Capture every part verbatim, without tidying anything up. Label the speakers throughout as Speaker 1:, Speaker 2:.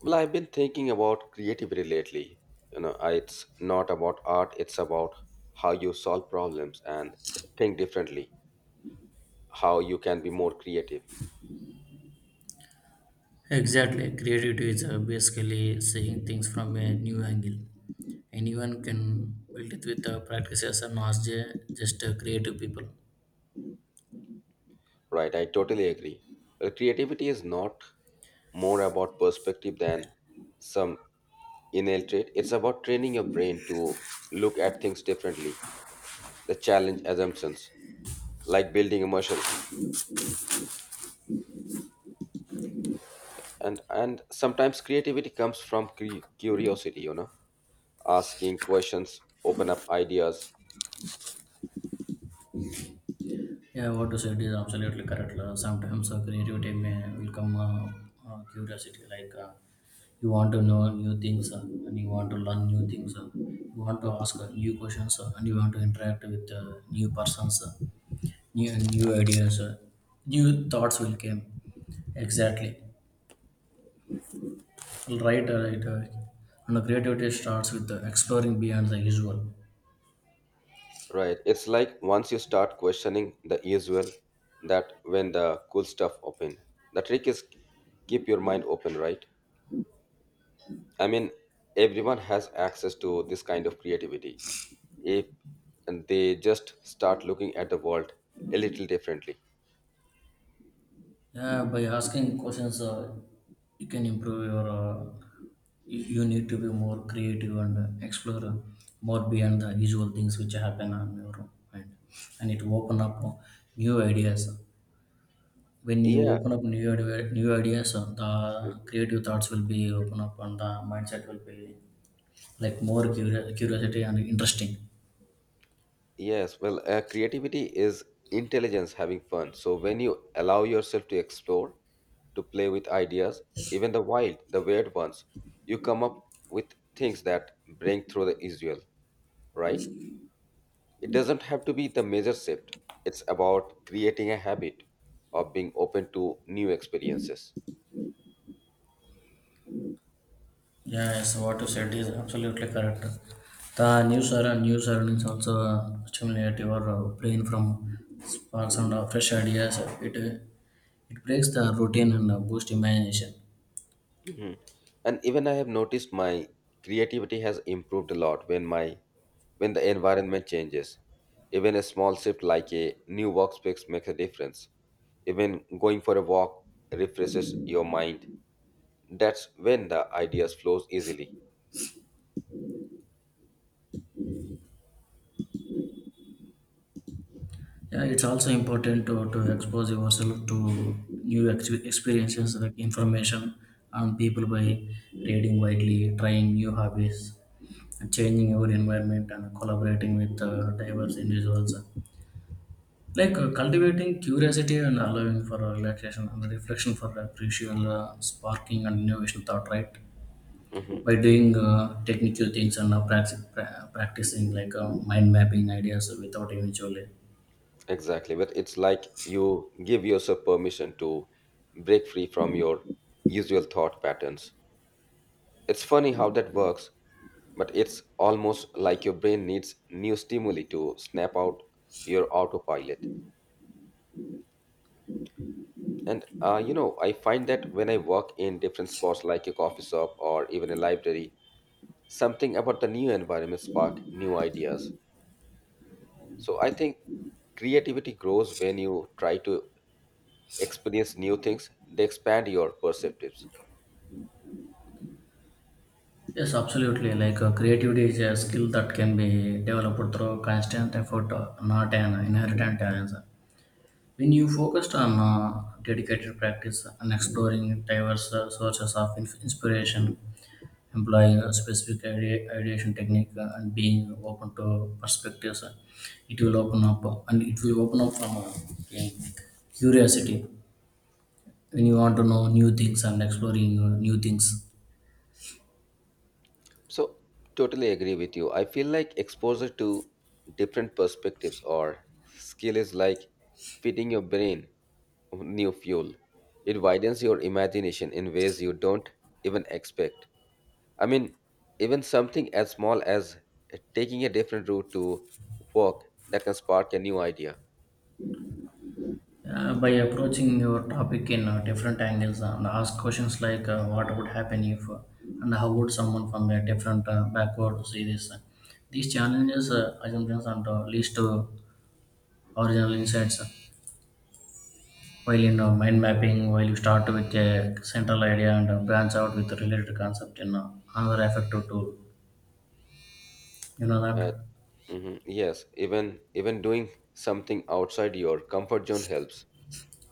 Speaker 1: Well, I've been thinking about creativity lately. You know, I- it's not about art, it's about how you solve problems and think differently, how you can be more creative.
Speaker 2: Exactly. Creativity is uh, basically seeing things from a new angle. Anyone can build it with uh, practices and not ju- just uh, creative people.
Speaker 1: Right, I totally agree. Well, creativity is not more about perspective than some innate trait, it's about training your brain to look at things differently, the challenge assumptions, like building a muscle. And, and sometimes creativity comes from cre- curiosity, you know. Asking questions open up ideas,
Speaker 2: Yeah, what you said is absolutely correct. Uh, sometimes uh, creativity may will come uh, uh, curiosity, like uh, you want to know new things uh, and you want to learn new things. Uh, you want to ask uh, new questions uh, and you want to interact with uh, new persons, uh, new new ideas, uh, new thoughts will come. Exactly. Right, right, right. And the creativity starts with the exploring beyond the usual.
Speaker 1: right. It's like once you start questioning the usual, that when the cool stuff open. The trick is keep your mind open, right? i mean everyone has access to this kind of creativity if they just start looking at the world a little differently.
Speaker 2: Yeah, by asking questions, uh, you can improve your. Uh, you you need to be more creative and uh, explore uh, more beyond the usual things which happen on your mind, and it open up uh, new ideas. When you
Speaker 1: Yeah.
Speaker 2: open up new idea- new ideas, uh, the creative thoughts will be open up, and the mindset will be like more curi- curiosity and interesting.
Speaker 1: Yes, well, uh, creativity is intelligence having fun. So when you allow yourself to explore, to play with ideas, even the wild, the weird ones, you come up with things that break through the usual, right? It doesn't have to be the major shift. It's about creating a habit of being open to new experiences.
Speaker 2: Yes, what you said is absolutely correct. The news era, news earnings also uh, stimulate your uh, brain from sparks and uh, fresh ideas. It uh, it breaks the routine and uh, boost imagination.
Speaker 1: Mhm. And even I have noticed my creativity has improved a lot when my when the environment changes. Even a small shift like a new workspace makes a difference. Even going for a walk refreshes your mind. That's when the ideas flows easily.
Speaker 2: Yeah, it's also important to, to expose yourself to new ex- experiences like information and people by reading widely, trying new hobbies, and changing your environment, and collaborating with uh, diverse individuals. Like uh, cultivating curiosity and allowing for relaxation and reflection for appreciable uh, sparking and innovation thought, right?
Speaker 1: Mhm.
Speaker 2: By doing uh, technical things and uh, practi- pra- practicing like uh, mind mapping ideas without eventually.
Speaker 1: Exactly, but it's like you give yourself permission to break free from your usual thought patterns. It's funny how that works, but it's almost like your brain needs new stimuli to snap out your autopilot. And uh, you know, I find that when I work in different spots like a coffee shop or even a library, something about the new environment spark new ideas. So I think creativity grows when you try to experience new things. They expand your perceptives.
Speaker 2: Yes, absolutely. Like uh, creativity is a skill that can be developed through constant effort, uh, not an inherited talent. When you focused on uh, dedicated practice and exploring diverse uh, sources of inf- inspiration, employing a specific idea, ideation technique uh, and being open to perspectives uh, it will open up uh, and it will open up from uh, in curiosity when you want to know new things and exploring uh, new things
Speaker 1: So, totally agree with you. I feel like exposure to different perspectives or skill is like feeding your brain new fuel. It widens your imagination in ways you don't even expect. I mean, even something as small as taking a different route to work, that can spark a new idea.
Speaker 2: uh, by approaching your topic in uh, different angles uh, and ask questions like uh, what would happen if uh, and how would someone from a different uh, backward see this these challenges uh, assumptions and uh, leads to original insights uh, while you know mind mapping while you start with a central idea and uh, branch out with related concept in uh, another effective tool you know
Speaker 1: Right.
Speaker 2: that
Speaker 1: Mhm. Yes, even even doing something outside your comfort zone helps.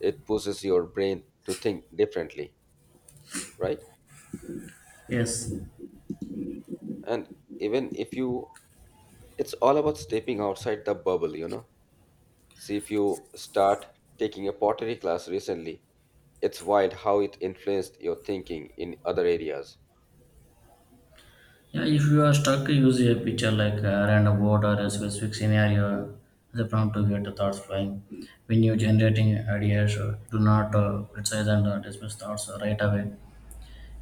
Speaker 1: It pushes your brain to think differently, right?
Speaker 2: yes.
Speaker 1: And even if you, it's all about stepping outside the bubble, you know. See if you start taking a pottery class recently, it's wild how it influenced your thinking in other areas.
Speaker 2: Yeah, if you are stuck use a picture like a random word or a specific scenario as a prompt to get the thoughts flying when you're generating ideas uh, do not uh, criticize and uh, dismiss thoughts uh, right away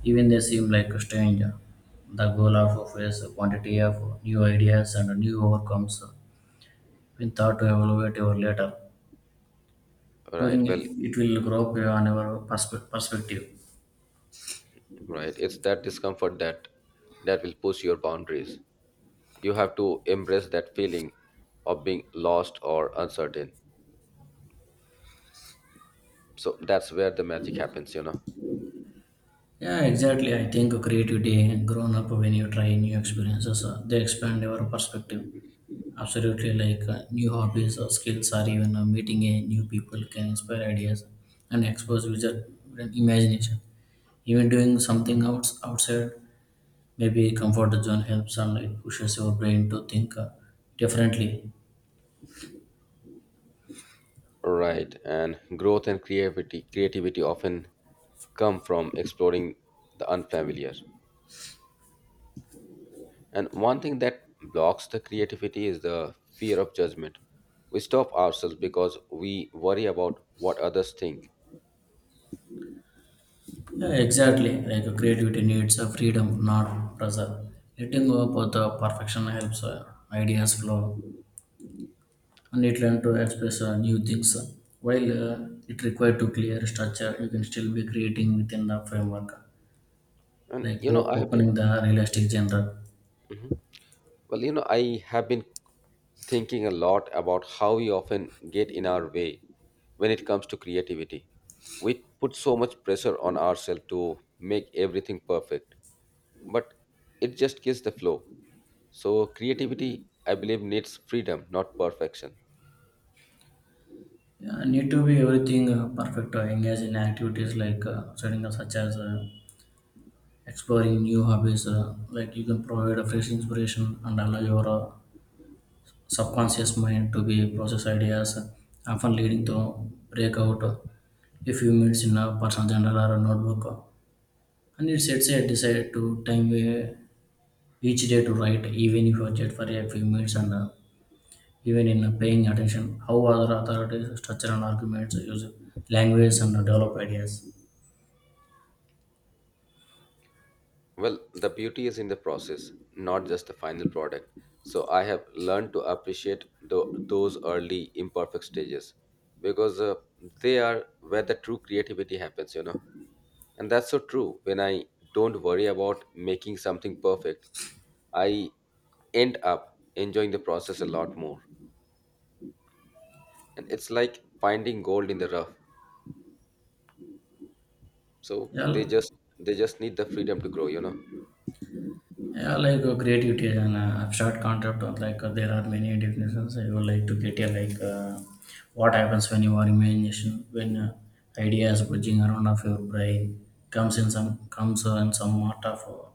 Speaker 2: even they seem like strange uh, the goal of is a quantity of new ideas and new overcomes uh, when thought to evaluate your later
Speaker 1: Right.
Speaker 2: during
Speaker 1: well
Speaker 2: it will grow up on our perspe- perspective.
Speaker 1: right it's that discomfort that that will push your boundaries. You have to embrace that feeling of being lost or uncertain, so that's where the magic happens, you know.
Speaker 2: Yeah, exactly, I think creativity grown up when you try new experiences uh, they expand your perspective absolutely like uh, new hobbies or skills or even uh, meeting a new people can inspire ideas and expose user imagination even doing something outs- outside maybe comfort zone helps and it pushes your brain to think uh, differently.
Speaker 1: Right, and growth and creativity creativity often come from exploring the unfamiliar. And one thing that blocks the creativity is the fear of judgment. We stop ourselves because we worry about what others think.
Speaker 2: Yeah, exactly. Like uh, creativity needs a freedom, not pressure. Letting go of the perfection helps uh, ideas flow, and it learn to express uh, new things. While uh, it required to clear structure, you can still be creating within the framework,
Speaker 1: And
Speaker 2: like
Speaker 1: you know,
Speaker 2: o-
Speaker 1: I have been,
Speaker 2: opening the realistic genre.
Speaker 1: Mhm. Well, you know, I have been thinking a lot about how we often get in our way when it comes to creativity. We put so much pressure on ourselves to make everything perfect, but it just kills the flow. So, creativity, I believe, needs freedom, not perfection.
Speaker 2: Yeah, need to be everything uh, perfect. Uh, engage in activities like uh, setting up such as uh, exploring new hobbies. Uh, like you can provide a fresh inspiration and allow your uh, subconscious mind to be process ideas, often leading to breakout if few minutes in a personal journal or a notebook. And it sets a decide to time uh, each day to write, even if you chat for a few minutes and uh, even in uh, paying attention, how other authorities structure and arguments use language and develop ideas.
Speaker 1: Well, the beauty is in the process, not just the final product. So I have learned to appreciate tho- those early imperfect stages because uh, they are where the true creativity happens, you know. And that's so true. When I don't worry about making something perfect, I end up enjoying the process a lot more. And it's like finding gold in the rough. So
Speaker 2: Yeah,
Speaker 1: they just they just need the freedom to grow, you know.
Speaker 2: Yeah, like uh, creativity is an uh, abstract concept. Or like uh, there are many definitions. I would like to get here. Like uh, what happens when your imagination, when uh, ideas bridging around of your brain comes in some comes uh, in some part of uh,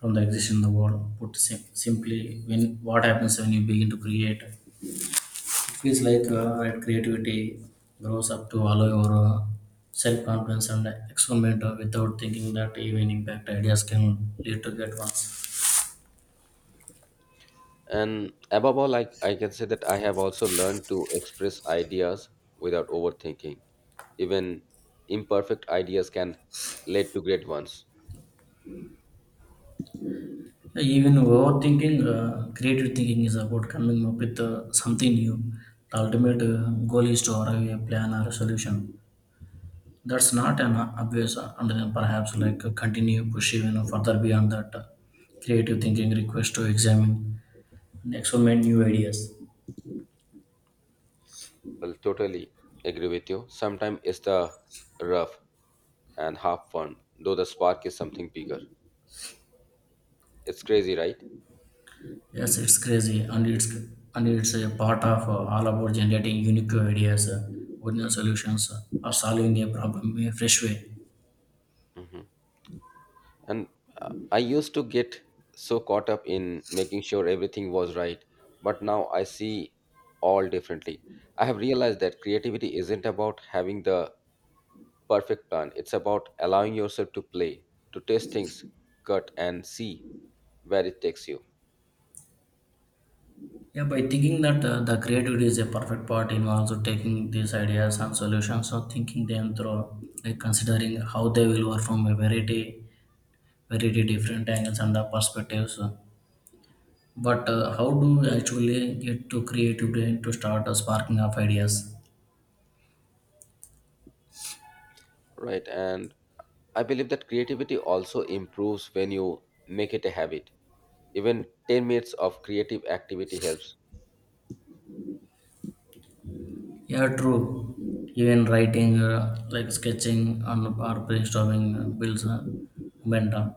Speaker 2: from the existing in the world. Put sim- simply, when what happens when you begin to create, it feels like uh, that creativity grows up to allow your uh, self confidence and experiment uh, without thinking that even impact ideas can lead to get ones.
Speaker 1: And above all, I, I can say that I have also learned to express ideas without overthinking. Even imperfect ideas can lead to great ones.
Speaker 2: Yeah, even overthinking, uh, creative thinking is about coming up with uh, something new. The ultimate uh, goal is to arrive at a plan or a solution. That's not an obvious, uh, and then perhaps like uh, continue push even further beyond that. Uh, creative thinking requests to examine and experiment new ideas.
Speaker 1: Well, totally agree with you. Sometimes it's the rough and half fun, though the spark is something bigger. It's crazy, right?
Speaker 2: Yes, it's crazy, and it's and it's a part of uh, all about generating unique ideas, uh, original solutions, uh, or solving a problem in a fresh way.
Speaker 1: Hmm. And uh, I used to get so caught up in making sure everything was right, but now I see all differently. I have realized that creativity isn't about having the perfect plan. It's about allowing yourself to play, to test things, cut, and see where it takes you,
Speaker 2: Yeah, by thinking that uh, the creativity is a perfect part involves taking these ideas and solutions or thinking them through, like considering how they will work from a variety, variety different angles and the perspectives. But uh, how do you actually get to creativity to start a sparking of ideas?
Speaker 1: right? And I believe that creativity also improves when you make it a habit. Even ten minutes of creative activity helps.
Speaker 2: Yeah, true. Even writing, uh, like sketching and or brainstorming uh, builds uh, momentum.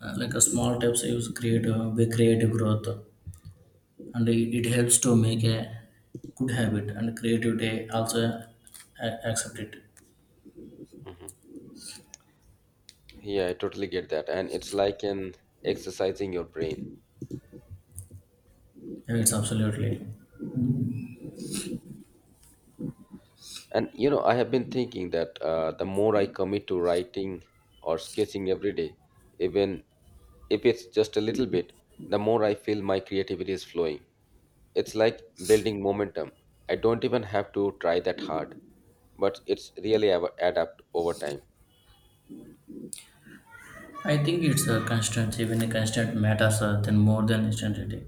Speaker 2: Uh, like a small tips, use creative, be creative growth. And it, it helps to make a good habit and creativity also a- accept it.
Speaker 1: Mhm. Yeah, I totally get that. And it's like an exercising your brain.
Speaker 2: Yeah, it's absolutely.
Speaker 1: And you know, I have been thinking that uh, the more I commit to writing or sketching every day, even if it's just a little bit, the more I feel my creativity is flowing. It's like building momentum. I don't even have to try that hard, but it's really av- adapt over time.
Speaker 2: I think it's a constant even a constant matters uh, than more than instantity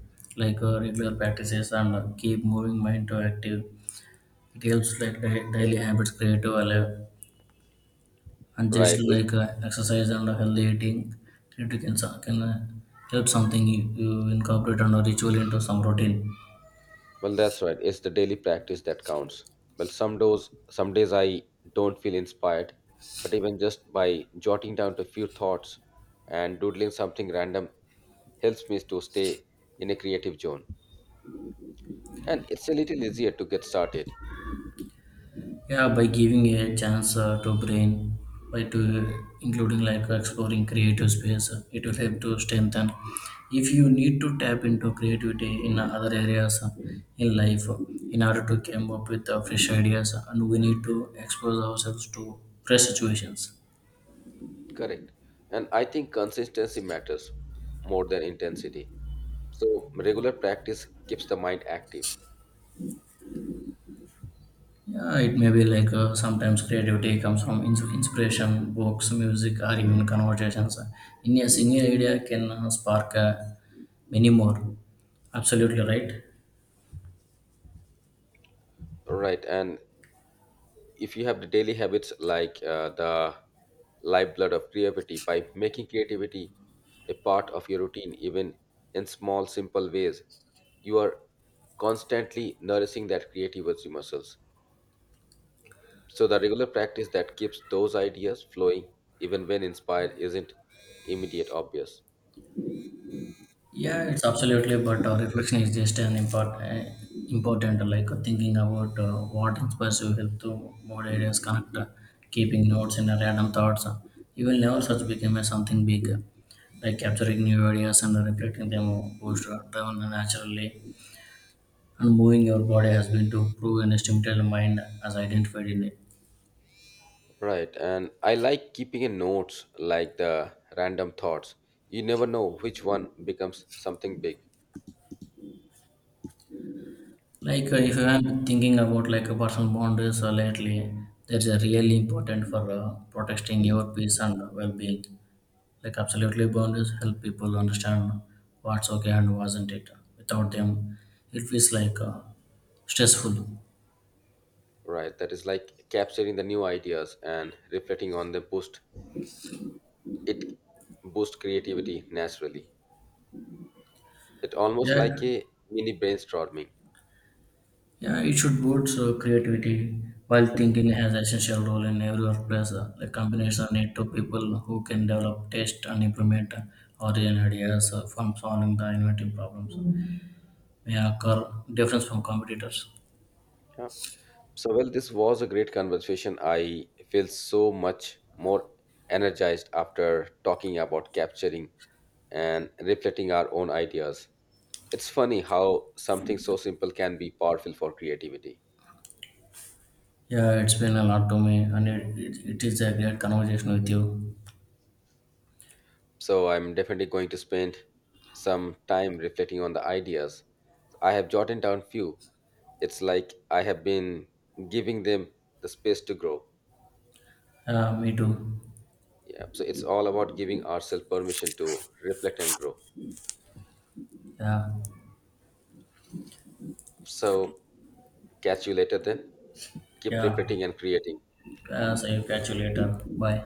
Speaker 2: like uh, regular practices and uh, keep moving mind to active. It helps like di- daily habits creative alive and just
Speaker 1: Right. It,
Speaker 2: like uh, exercise and healthy eating. It can,
Speaker 1: Mhm.
Speaker 2: so- can uh, help something you, you incorporate and a ritual into some routine.
Speaker 1: Well, that's right. It's the daily practice that counts. Well, some days, some days I don't feel inspired, but even just by jotting down a few thoughts and doodling something random helps me to stay in a creative zone. And it's a little easier to get started.
Speaker 2: Yeah, by giving a chance uh, to brain by to including like exploring creative space uh, it will help to strengthen if you need to tap into creativity in other areas uh, in life uh, in order to come up with uh, fresh ideas uh, and we need to expose ourselves to fresh situations.
Speaker 1: Correct. And I think consistency matters more than intensity. So regular practice keeps the mind active.
Speaker 2: Yeah, it may be like uh, sometimes creativity comes from ins- inspiration books music or even conversations in a single idea can uh, spark uh, many more. Absolutely right.
Speaker 1: Right? And if you have the daily habits like uh, the lifeblood of creativity, by making creativity a part of your routine, even in small, simple ways, you are constantly nourishing that creativity muscles. So the regular practice that keeps those ideas flowing, even when inspired, isn't immediate obvious.
Speaker 2: Yeah, it's absolutely. But uh, reflection is just an important, important like thinking about uh, what inspires you, help to more areas, connect, uh, keeping notes and uh, random thoughts. You will never such become a something big, like capturing new ideas and reflecting them boost uh, down naturally. And moving your body has been to prove an estimated mind as identified in it.
Speaker 1: Right, and I like keeping a notes like the random thoughts. You never know which one becomes something big,
Speaker 2: Like uh, if you are thinking about like a personal boundaries uh, lately, that's uh, really important for uh, protecting your peace and well-being. Like absolutely boundaries help people understand what's okay and wasn't it. Without them, it feels like uh, stressful.
Speaker 1: right? That is like capturing the new ideas and reflecting on the boost. It boosts creativity naturally. It almost
Speaker 2: Yeah,
Speaker 1: like a mini brainstorming.
Speaker 2: yeah, it should boost uh, creativity while thinking has essential role in every workplace. Uh, like companies are need to people who can develop, test, and implement uh, origin ideas uh, from solving the inventive problems may occur difference from competitors.
Speaker 1: Yeah. So, well, this was a great conversation. I feel so much more energized after talking about capturing and reflecting our own ideas. It's funny how something so simple can be powerful for creativity.
Speaker 2: Yeah, it's been a lot to me, and it, it, it is a great conversation with you.
Speaker 1: So, I'm definitely going to spend some time reflecting on the ideas. I have jotted down few. It's like I have been giving them the space to grow.
Speaker 2: Yeah, me too.
Speaker 1: Yeah, so it's all about giving ourselves permission to reflect and grow.
Speaker 2: Yeah.
Speaker 1: So, catch you later then. Keep
Speaker 2: Yeah.
Speaker 1: repeating and creating.
Speaker 2: Uh, so you catch you later. Bye.